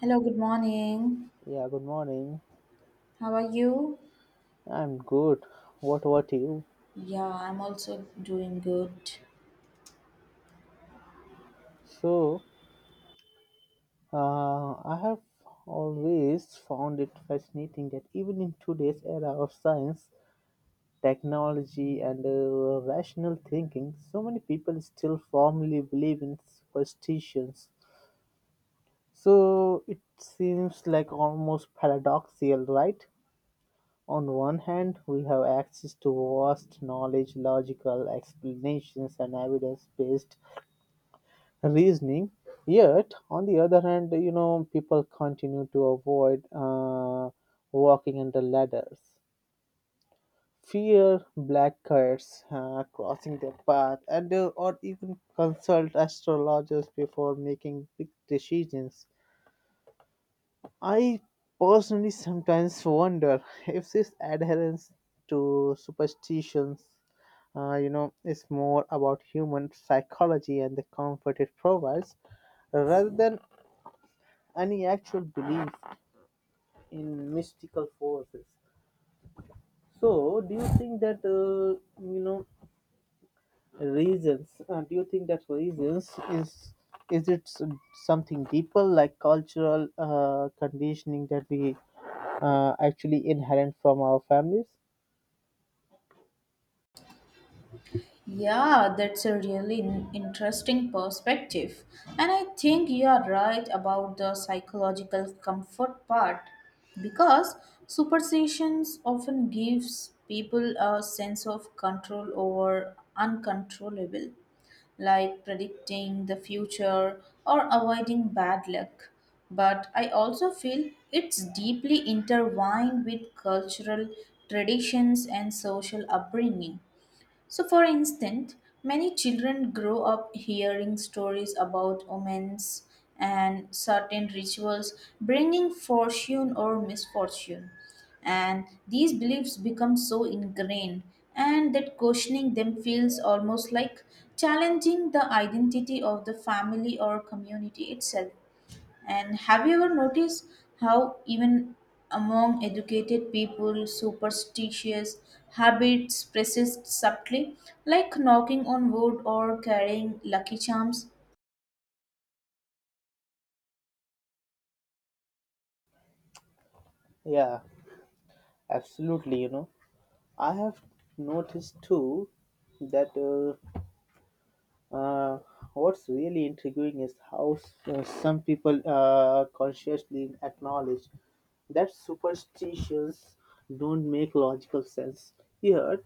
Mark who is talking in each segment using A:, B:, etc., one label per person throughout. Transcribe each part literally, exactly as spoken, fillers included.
A: Hello, good morning.
B: Yeah, good morning.
A: How are you?
B: I'm good. What about you?
A: Yeah, I'm also doing good.
B: So, uh, I have always found it fascinating that even in today's era of science, technology, and uh, rational thinking, so many people still firmly believe in superstitions. So, it seems like almost paradoxical, right? On one hand, we have access to vast knowledge, logical explanations, and evidence based reasoning. Yet, on the other hand, you know, people continue to avoid uh, walking under ladders, fear black cats uh, crossing their path, and uh, or even consult astrologers before making big decisions. I personally sometimes wonder if this adherence to superstitions uh, you know, is more about human psychology and the comfort it provides rather than any actual belief in mystical forces. So, do you think that uh, you know reasons? Uh, do you think that reasons is is it s- something deeper like cultural uh, conditioning that we uh, actually inherent from our families?
A: Yeah, that's a really n- interesting perspective. And I think you are right about the psychological comfort part because superstitions often gives people a sense of control over uncontrollable like predicting the future or avoiding bad luck. But I also feel it's deeply intertwined with cultural traditions and social upbringing, so, for instance, many children grow up hearing stories about omens and certain rituals bringing fortune or misfortune. And these beliefs become so ingrained, and that questioning them feels almost like challenging the identity of the family or community itself. And have you ever noticed how, even among educated people, superstitious habits persist subtly, like knocking on wood or carrying lucky charms?
B: Yeah, absolutely. You know, I have noticed too that. Uh, Uh, what's really intriguing is how s- uh, some people uh, consciously acknowledge that superstitions don't make logical sense. Yet,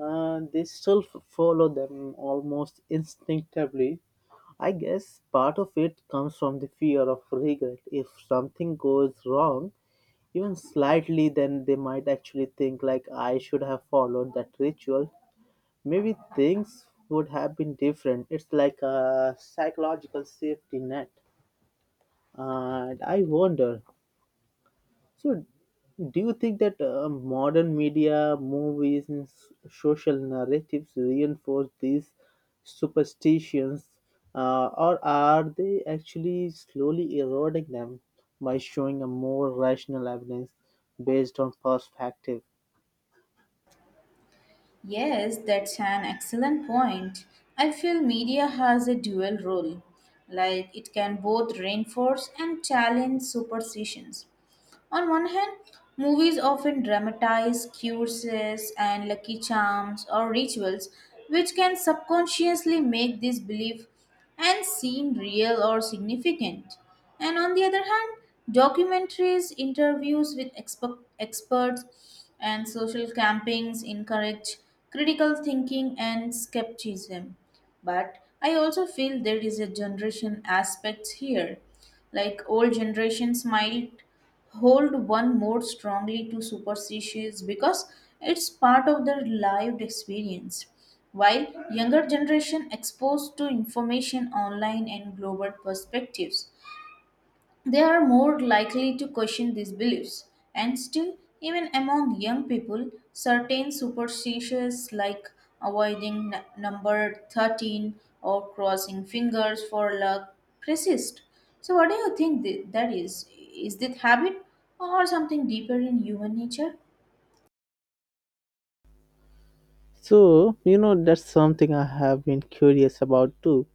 B: uh, they still f- follow them almost instinctively. I guess part of it comes from the fear of regret. If something goes wrong, even slightly, then they might actually think like I should have followed that ritual. Maybe things would have been different. It's like a psychological safety net. And I wonder, so, do you think that uh, modern media, movies, and s- social narratives reinforce these superstitions, uh, or are they actually slowly eroding them by showing a more rational evidence based on perspective?
A: Yes, that's an excellent point. I feel media has a dual role, like it can both reinforce and challenge superstitions. On one hand, movies often dramatize curses and lucky charms or rituals, which can subconsciously make this belief and seem real or significant. And on the other hand, documentaries, interviews with exper- experts, and social campings encourage critical thinking and skepticism. But I also feel there is a generation aspect here, like old generations might hold one more strongly to superstitions because it's part of their lived experience, while younger generation exposed to information online and global perspectives, they are more likely to question these beliefs. And still, even among young people, certain superstitions like avoiding n- number thirteen or crossing fingers for luck persist. So, what do you think th- that is? Is this habit or something deeper in human nature?
B: So, you know, that's something I have been curious about too.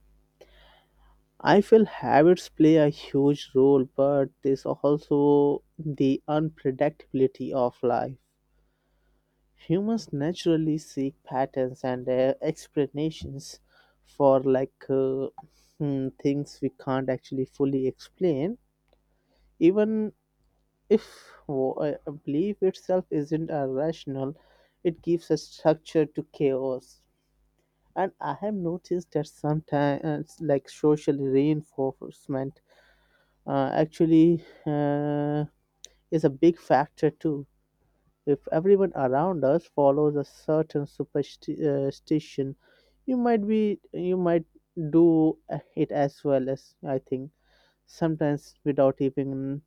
B: I feel habits play a huge role, but there's also the unpredictability of life. Humans naturally seek patterns and uh, explanations for like uh, hmm, things we can't actually fully explain, even if wo- a a belief itself isn't a rational. It gives a structure to chaos, and I have noticed that sometimes, like social reinforcement uh, actually uh, is a big factor too. If everyone around us follows a certain superstition, you might be you might do uh, it as well as I think sometimes without even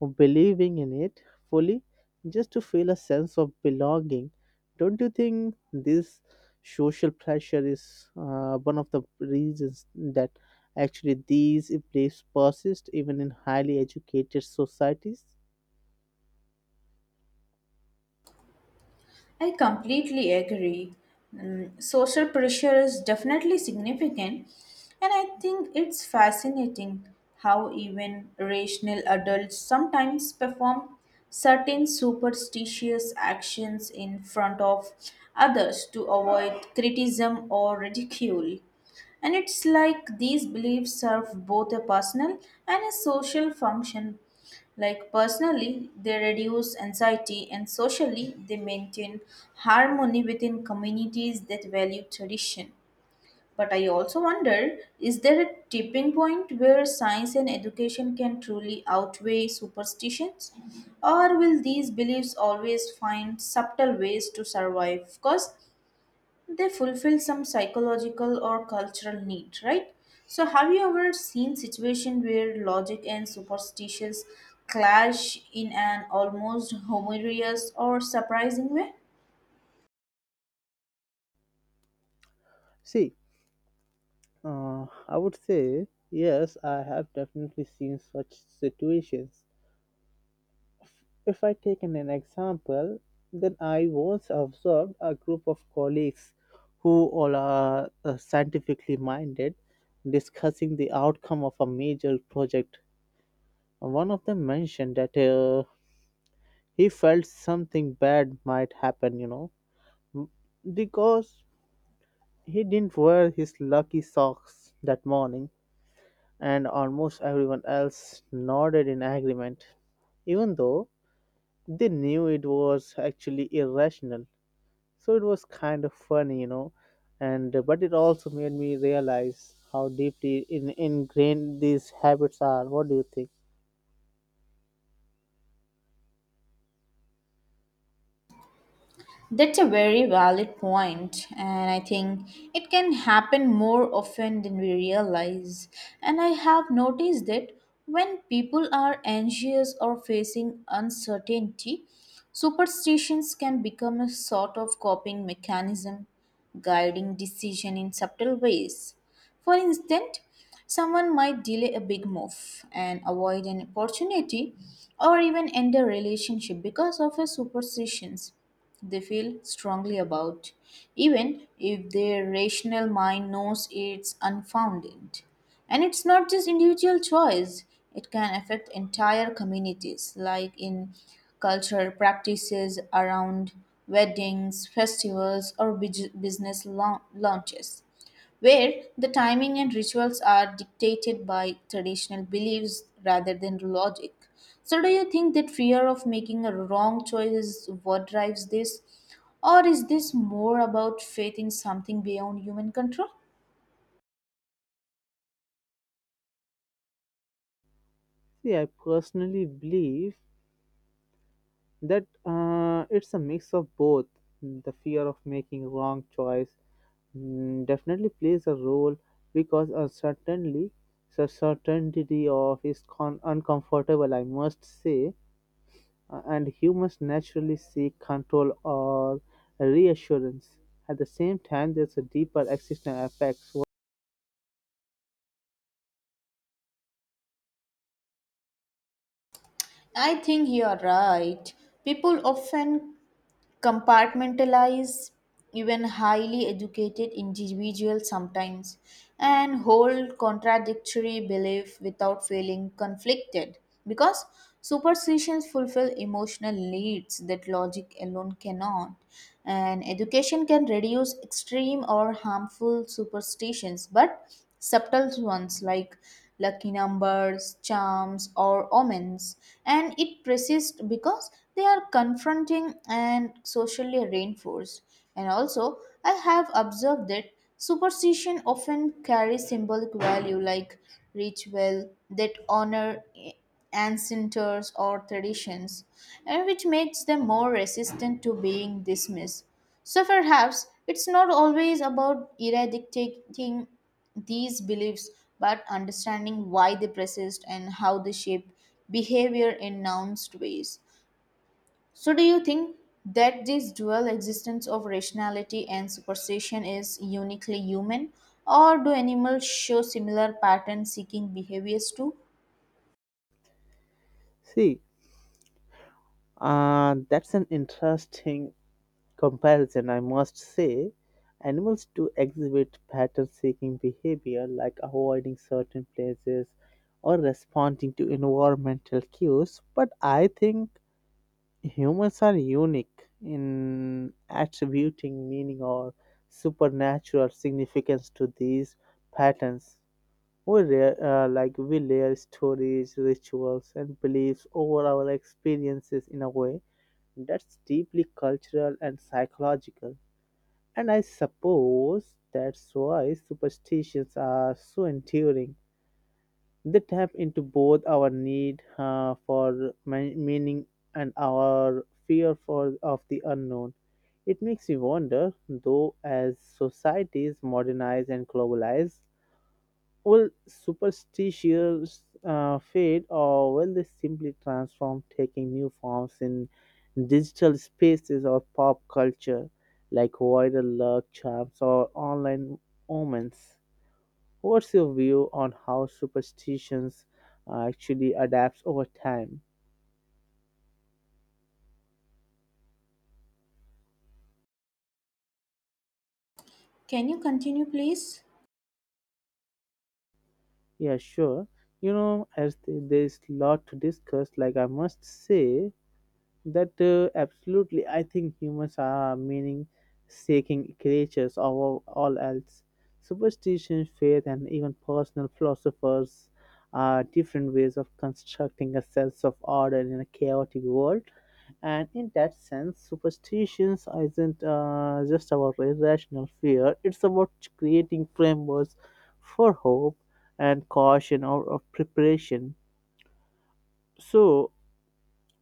B: or believing in it fully just to feel a sense of belonging. Don't you think this social pressure is uh, one of the reasons that actually these beliefs persist even in highly educated societies?
A: I completely agree. Mm, social pressure is definitely significant, and I think it's fascinating how even rational adults sometimes perform certain superstitious actions in front of others to avoid criticism or ridicule. And it's like these beliefs serve both a personal and a social function. Like personally, they reduce anxiety, and socially, they maintain harmony within communities that value tradition. But I also wonder, is there a tipping point where science and education can truly outweigh superstitions? Or will these beliefs always find subtle ways to survive? Because they fulfill some psychological or cultural need, right? So have you ever seen situation where logic and superstitions clash in an almost humorous or surprising way?
B: See, uh, I would say yes, I have definitely seen such situations. If I take an, an example, then I once observed a group of colleagues who all are uh, scientifically minded discussing the outcome of a major project. One of them mentioned that uh, he felt something bad might happen, you know, m- because he didn't wear his lucky socks that morning, and almost everyone else nodded in agreement, even though they knew it was actually irrational. So it was kind of funny, you know, and uh, but it also made me realize how deeply in, ingrained these habits are. What do you think?
A: That's a very valid point, and I think it can happen more often than we realize. And I have noticed that when people are anxious or facing uncertainty, superstitions can become a sort of coping mechanism, guiding decision in subtle ways. For instance, someone might delay a big move and avoid an opportunity or even end a relationship because of a superstitions they feel strongly about, even if their rational mind knows it's unfounded. And it's not just individual choice, it can affect entire communities, like in cultural practices around weddings, festivals, or bus- business lau- launches where the timing and rituals are dictated by traditional beliefs rather than logic. So, do you think that fear of making a wrong choice is what drives this? Or is this more about faith in something beyond human control?
B: See, I personally believe that uh, it's a mix of both. The fear of making wrong choice, mm, definitely plays a role because uncertainty, so certainty of is con- uncomfortable I must say. Uh, and humans naturally seek control or reassurance. At the same time, there's a deeper existential effect.
A: I think you are right. People often compartmentalize, even highly educated individuals sometimes, and hold contradictory belief without feeling conflicted because superstitions fulfill emotional needs that logic alone cannot. And education can reduce extreme or harmful superstitions, but subtle ones like lucky numbers, charms, or omens, and it persists because they are confronting and socially reinforced. And also, I have observed that superstition often carries symbolic value, like ritual that honor ancestors or traditions, and which makes them more resistant to being dismissed. So perhaps it's not always about eradicating these beliefs but understanding why they persist and how they shape behavior in nuanced ways. So, do you think that this dual existence of rationality and superstition is uniquely human, or do animals show similar pattern seeking behaviors too?
B: See, uh, that's an interesting comparison, I must say. Animals do exhibit pattern seeking behavior like avoiding certain places or responding to environmental cues, but I think humans are unique in attributing meaning or supernatural significance to these patterns. We rare, uh, like we layer stories, rituals, and beliefs over our experiences in a way that's deeply cultural and psychological. And I suppose that's why superstitions are so enduring. They tap into both our need uh, for ma- meaning and our fear for of the unknown. It makes you wonder, though, as societies modernize and globalize, will superstitions uh, fade or will they simply transform, taking new forms in digital spaces or pop culture, like viral luck charms or online omens? What's your view on how superstitions uh, actually adapts over time?
A: Can you continue, please?
B: Yeah, sure. You know, as th- there's lot to discuss, like I must say, that uh, absolutely, I think humans are meaning-seeking creatures above all else. Superstition, faith, and even personal philosophers are different ways of constructing a sense of order in a chaotic world. And in that sense, superstitions isn't uh, just about irrational fear; it's about creating frameworks for hope and caution or, or preparation. So,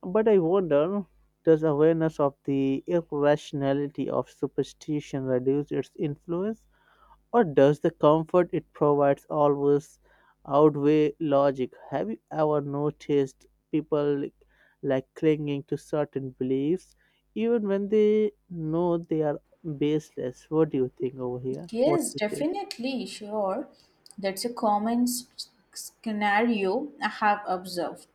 B: but I wonder, does awareness of the irrationality of superstition reduce its influence, or does the comfort it provides always outweigh logic? Have you ever noticed people like, like clinging to certain beliefs even when they know they are baseless? What do you think over here? What's
A: Yes,
B: your take?
A: definitely, sure. That's a common s- scenario I have observed.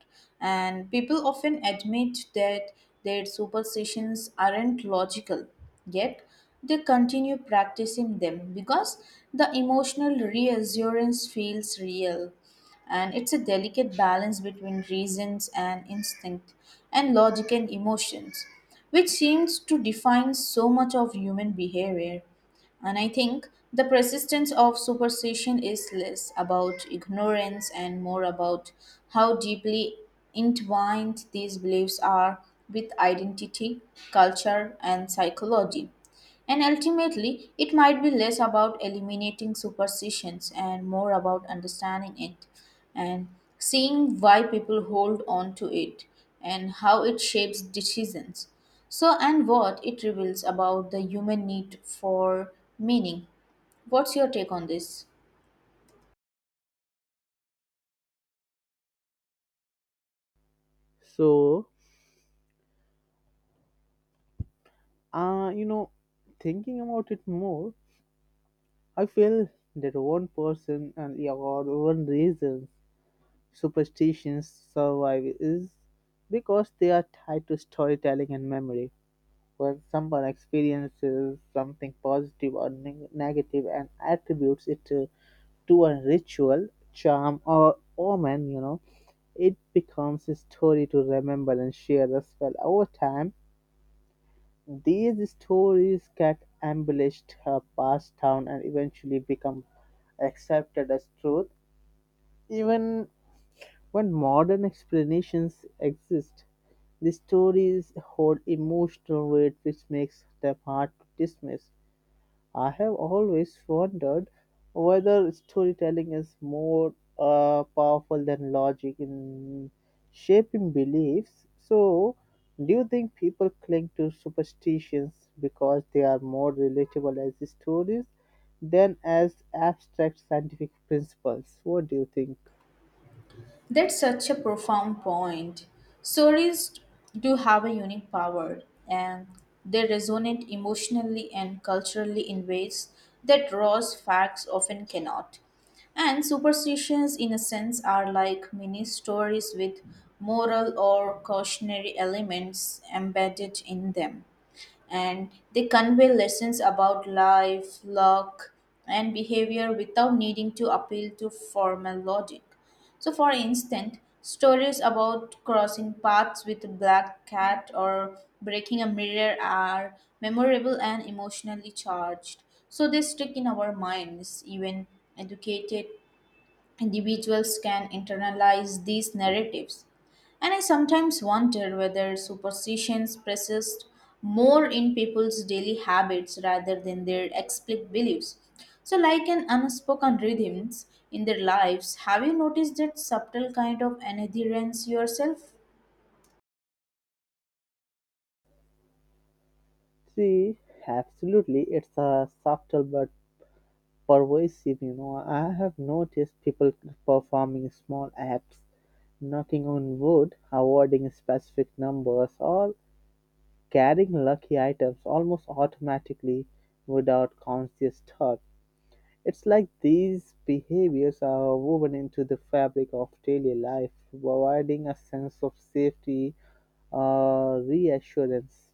A: And people often admit that their superstitions aren't logical, yet they continue practicing them because the emotional reassurance feels real. And it's a delicate balance between reasons and instinct, and logic and emotions, which seems to define so much of human behavior. And I think the persistence of superstition is less about ignorance and more about how deeply entwined these beliefs are with identity, culture, and psychology. And ultimately, it might be less about eliminating superstitions and more about understanding it and seeing why people hold on to it and how it shapes decisions. So, and what it reveals about the human need for meaning. What's your take on this?
B: So, uh, you know, Thinking about it more, I feel that one person and or one reason superstitions survive is because they are tied to storytelling and memory. When someone experiences something positive or neg- negative and attributes it to, to a ritual, charm, or omen, you know, it becomes a story to remember and share as well. Over time these stories get embellished, uh, passed down, and eventually become accepted as truth. Even when modern explanations exist, the stories hold emotional weight which makes them hard to dismiss. I have always wondered whether storytelling is more uh, powerful than logic in shaping beliefs. So, do you think people cling to superstitions because they are more relatable as stories than as abstract scientific principles? What do you think?
A: That's such a profound point. Stories do have a unique power, and they resonate emotionally and culturally in ways that raw facts often cannot. And superstitions, in a sense, are like mini stories with moral or cautionary elements embedded in them, and they convey lessons about life, luck, and behavior without needing to appeal to formal logic. So, for instance, stories about crossing paths with a black cat or breaking a mirror are memorable and emotionally charged. So, they stick in our minds, even educated individuals can internalize these narratives. And I sometimes wonder whether superstitions persist more in people's daily habits rather than their explicit beliefs. So, like an unspoken rhythms in their lives, have you noticed that subtle kind of adherence yourself?
B: See, absolutely, it's a subtle but pervasive, you know, I have noticed people performing small acts, knocking on wood, avoiding specific numbers, or carrying lucky items almost automatically without conscious thought. It's like these behaviors are woven into the fabric of daily life, providing a sense of safety or reassurance.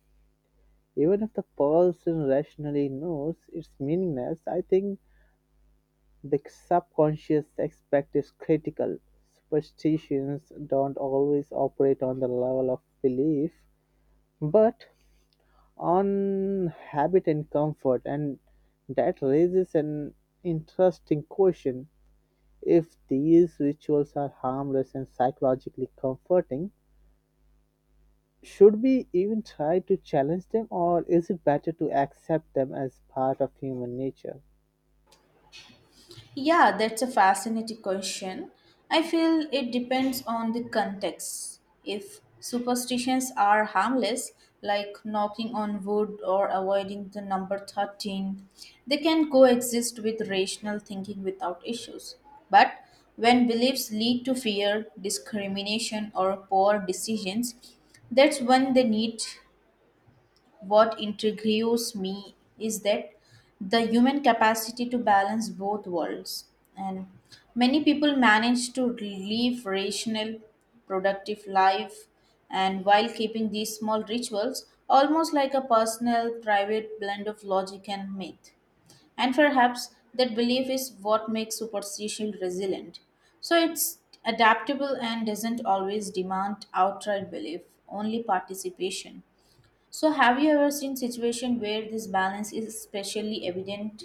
B: Even if the person rationally knows it's meaningless, I think the subconscious aspect is critical; superstitions don't always operate on the level of belief, but on habit and comfort, and that raises an interesting question. If these rituals are harmless and psychologically comforting, should we even try to challenge them, or is it better to accept them as part of human nature?
A: Yeah, that's a fascinating question. I feel it depends on the context. If superstitions are harmless, like knocking on wood or avoiding the number thirteen, they can coexist with rational thinking without issues. But when beliefs lead to fear, discrimination, or poor decisions, that's when they need. What intrigues me is that the human capacity to balance both worlds. And many people manage to live rational, productive life, and while keeping these small rituals, almost like a personal, private blend of logic and myth. And perhaps that belief is what makes superstition resilient. So it's adaptable and doesn't always demand outright belief, only participation. So, have you ever seen situation where this balance is especially evident?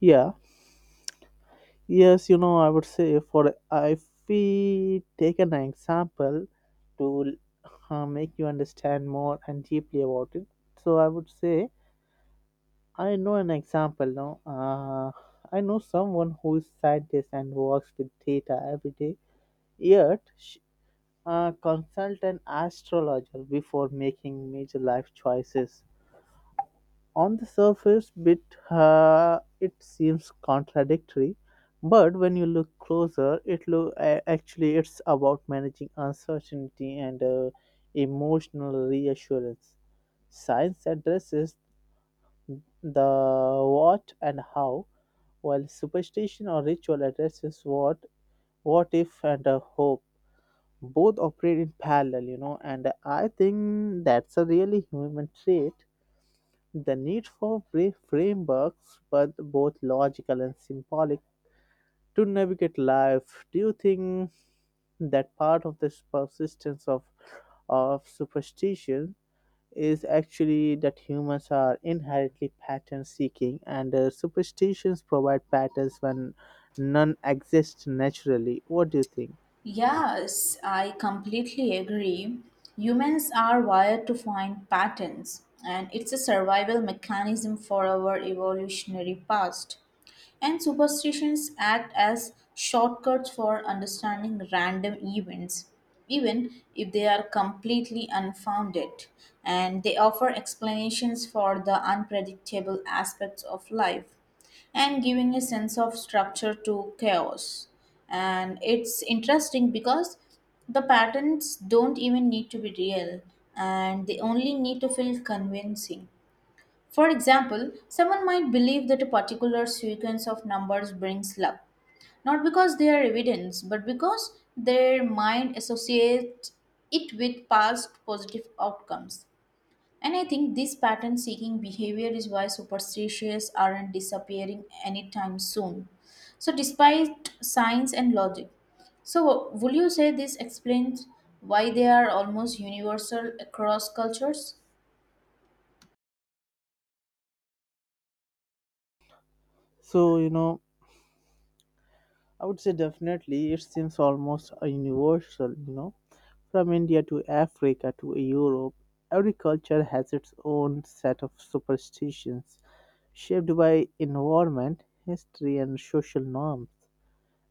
B: Yeah, Yes, you know, I would say for if we take an example to uh, make you understand more and deeply about it. So I would say I know an example now. Uh, I know someone who is scientist and works with data every day. Yet, sh uh, consult an astrologer before making major life choices on the surface bit uh, it seems contradictory, but when you look closer it look a- actually it's about managing uncertainty and uh, emotional reassurance. Science addresses the what and how, while superstition or ritual addresses what what if and a hope. Both operate in parallel, you know, and I think that's a really human trait, the need for brief frameworks, but both logical and symbolic, to navigate life. Do you think that part of this persistence of of superstition is actually that humans are inherently pattern seeking and uh, superstitions provide patterns when none exist naturally? What do you think?
A: Yes, I completely agree. Humans are wired to find patterns, and it's a survival mechanism for our evolutionary past. And superstitions act as shortcuts for understanding random events, even if they are completely unfounded, and they offer explanations for the unpredictable aspects of life, and giving a sense of structure to chaos. And it's interesting because the patterns don't even need to be real, and they only need to feel convincing. For example, someone might believe that a particular sequence of numbers brings luck, not because they are evidence, but because their mind associates it with past positive outcomes. And I think this pattern seeking behavior is why superstitions aren't disappearing anytime soon. So, despite science and logic, so would you say this explains why they are almost universal across cultures?
B: So you know, I would say definitely it seems almost a universal, you know, from India to Africa to Europe. Every culture has its own set of superstitions shaped by environment, history, and social norms.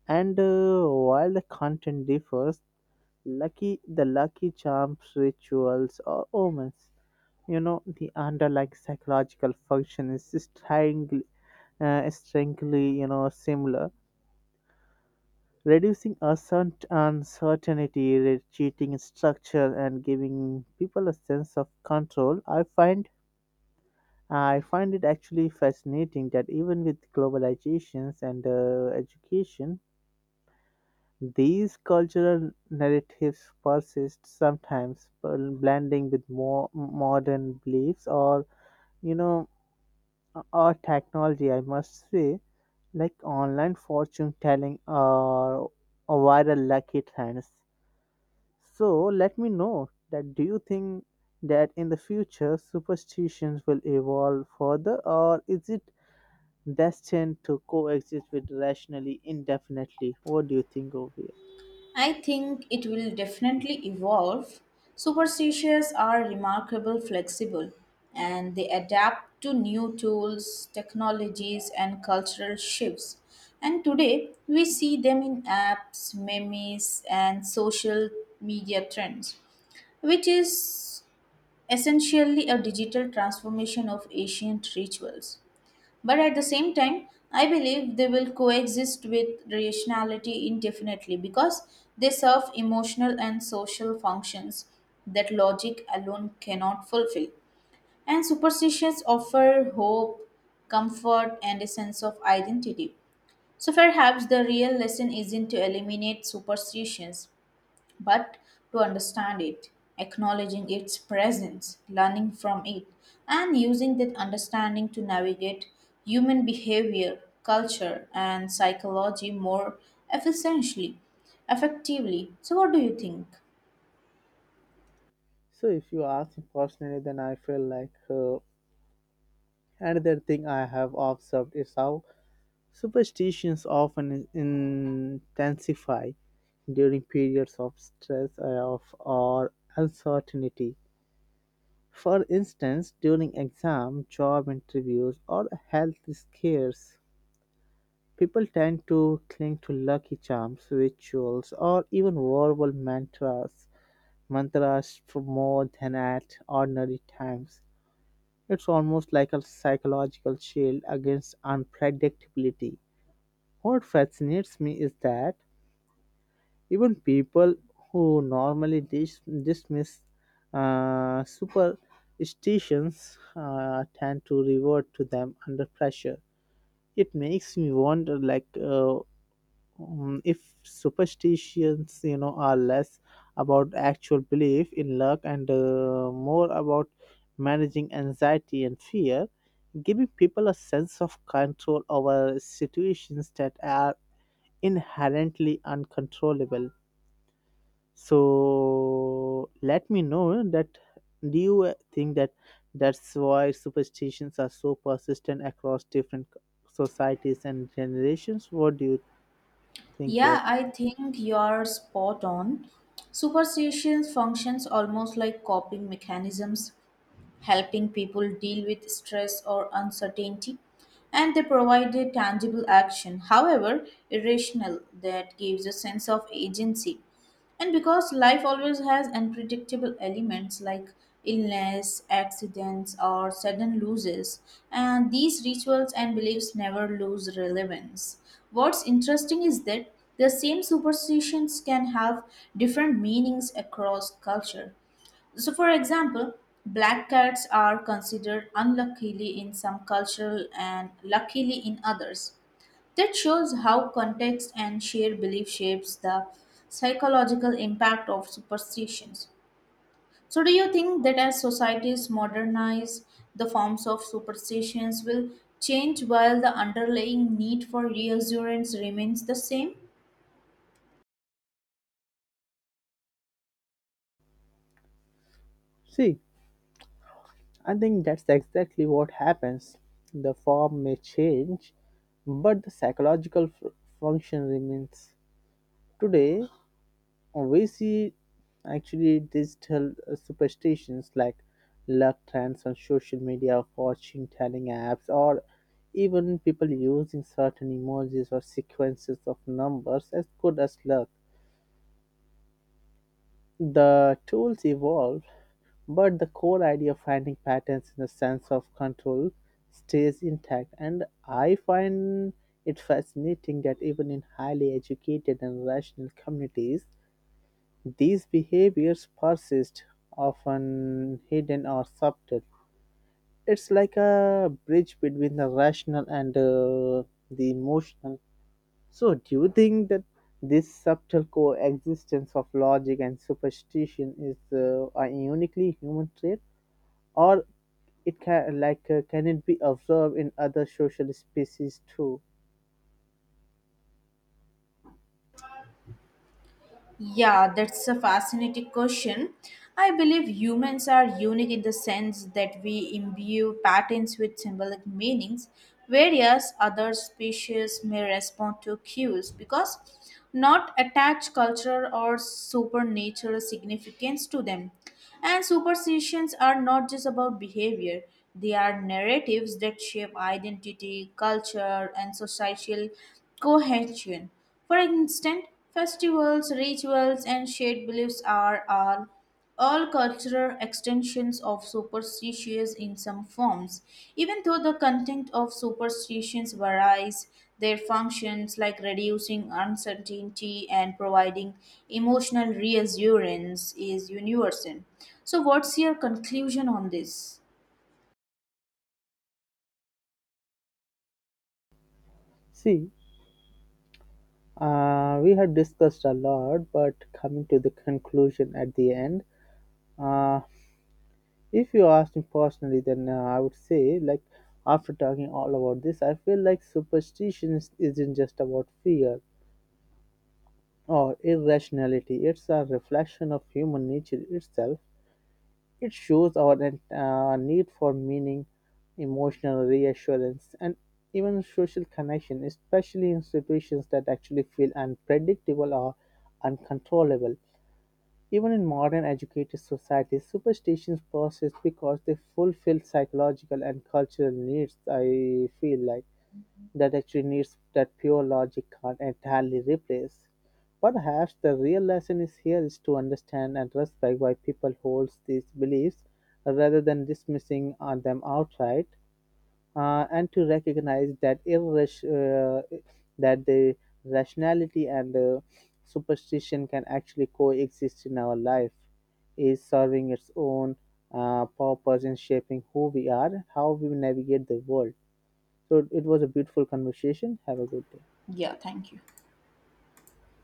B: And uh, while the content differs, lucky the lucky charms, rituals, or omens, you know, the underlying psychological function is strangely, uh, strangely, you know, similar, reducing assert- uncertainty, re- cheating structure, and giving people a sense of control. I find I find it actually fascinating that even with globalizations and uh, education, these cultural narratives persist sometimes, bl- blending with more modern beliefs or, you know, or technology. I must say, like online fortune telling or or viral lucky trends. So let me know that, do you think that in the future superstitions will evolve further or is it destined to coexist with rationally indefinitely? What do you think over here?
A: I think it will definitely evolve. Superstitions are remarkable flexible, and they adapt to new tools, technologies and cultural shifts. And today we see them in apps, memes and social media trends, which is essentially a digital transformation of ancient rituals. But at the same time, I believe they will coexist with rationality indefinitely because they serve emotional and social functions that logic alone cannot fulfill. And superstitions offer hope, comfort, and a sense of identity. So perhaps the real lesson isn't to eliminate superstitions, but to understand it, acknowledging its presence, learning from it, and using that understanding to navigate human behavior, culture, and psychology more efficiently, effectively. So, what do you think?
B: So if you ask me personally then I feel like uh, another thing I have observed is how superstitions often in- intensify during periods of stress or, of, or uncertainty. For instance, during exams, job interviews, or health scares, people tend to cling to lucky charms, rituals, or even verbal mantras, mantras for more than at ordinary times. It's almost like a psychological shield against unpredictability. What fascinates me is that even people who normally dis- dismiss uh, superstitions uh, tend to revert to them under pressure. It makes me wonder, like, uh, mm, if superstitions, you know, are less about actual belief in luck and uh, more about managing anxiety and fear, giving people a sense of control over situations that are inherently uncontrollable. So let me know that, do you think that that's why superstitions are so persistent across different societies and generations? What do you think here?
A: Yeah, I think you're spot on. Superstitions functions almost like coping mechanisms helping people deal with stress or uncertainty, and they provided tangible action, however irrational, that gives a sense of agency. And because life always has unpredictable elements like illness, accidents, or sudden losses, and these rituals and beliefs never lose relevance. What's interesting is that the same superstitions can have different meanings across culture, so, for example, black cats are considered unluckily in some cultures and luckily in others. That shows how context and shared belief shapes the psychological impact of superstitions. So, do you think that as societies modernize, the forms of superstitions will change while the underlying need for reassurance remains the same?
B: See, I think that's exactly what happens. The form may change, but the psychological f- function remains. Today, we see actually digital uh, superstitions like luck trends on social media, fortune telling apps, or even people using certain emojis or sequences of numbers as good as luck. The tools evolve, but the core idea of finding patterns in the sense of control stays intact. And I find it fascinating that even in highly educated and rational communities, these behaviors persist, often hidden or subtle. It's like a bridge between the rational and uh, the emotional. So, do you think that this subtle coexistence of logic and superstition is uh, a uniquely human trait, or it can like uh, can it be observed in other social species too?
A: Yeah, that's a fascinating question. I believe humans are unique in the sense that we imbue patterns with symbolic meanings, whereas other species may respond to cues because not attach cultural or supernatural significance to them. And superstitions are not just about behavior, they are narratives that shape identity, culture, and social cohesion. For instance, festivals, rituals, and shared beliefs are all, all cultural extensions of superstitions in some forms. Even though the content of superstitions varies, their functions, like reducing uncertainty and providing emotional reassurance, is universal. So, what's your conclusion on this?
B: See, uh, we have discussed a lot, but coming to the conclusion at the end, uh, if you ask me personally, then uh, I would say, like, after talking all about this, I feel like superstition is- isn't just about fear or irrationality, it's a reflection of human nature itself. It shows our en- uh, need for meaning, emotional reassurance, and even social connection, especially in situations that actually feel unpredictable or uncontrollable. Even in modern educated societies, superstitions persist because they fulfill psychological and cultural needs. I feel like that actually needs that pure logic can't entirely replace. Perhaps the real lesson is here is to understand and respect why people hold these beliefs rather than dismissing uh, them outright uh, and to recognize that irras- uh, that the rationality and the superstition can actually coexist in our life is serving its own uh, purpose in shaping who we are, how we navigate the world. So it was a beautiful conversation. Have a good day.
A: Yeah, thank you.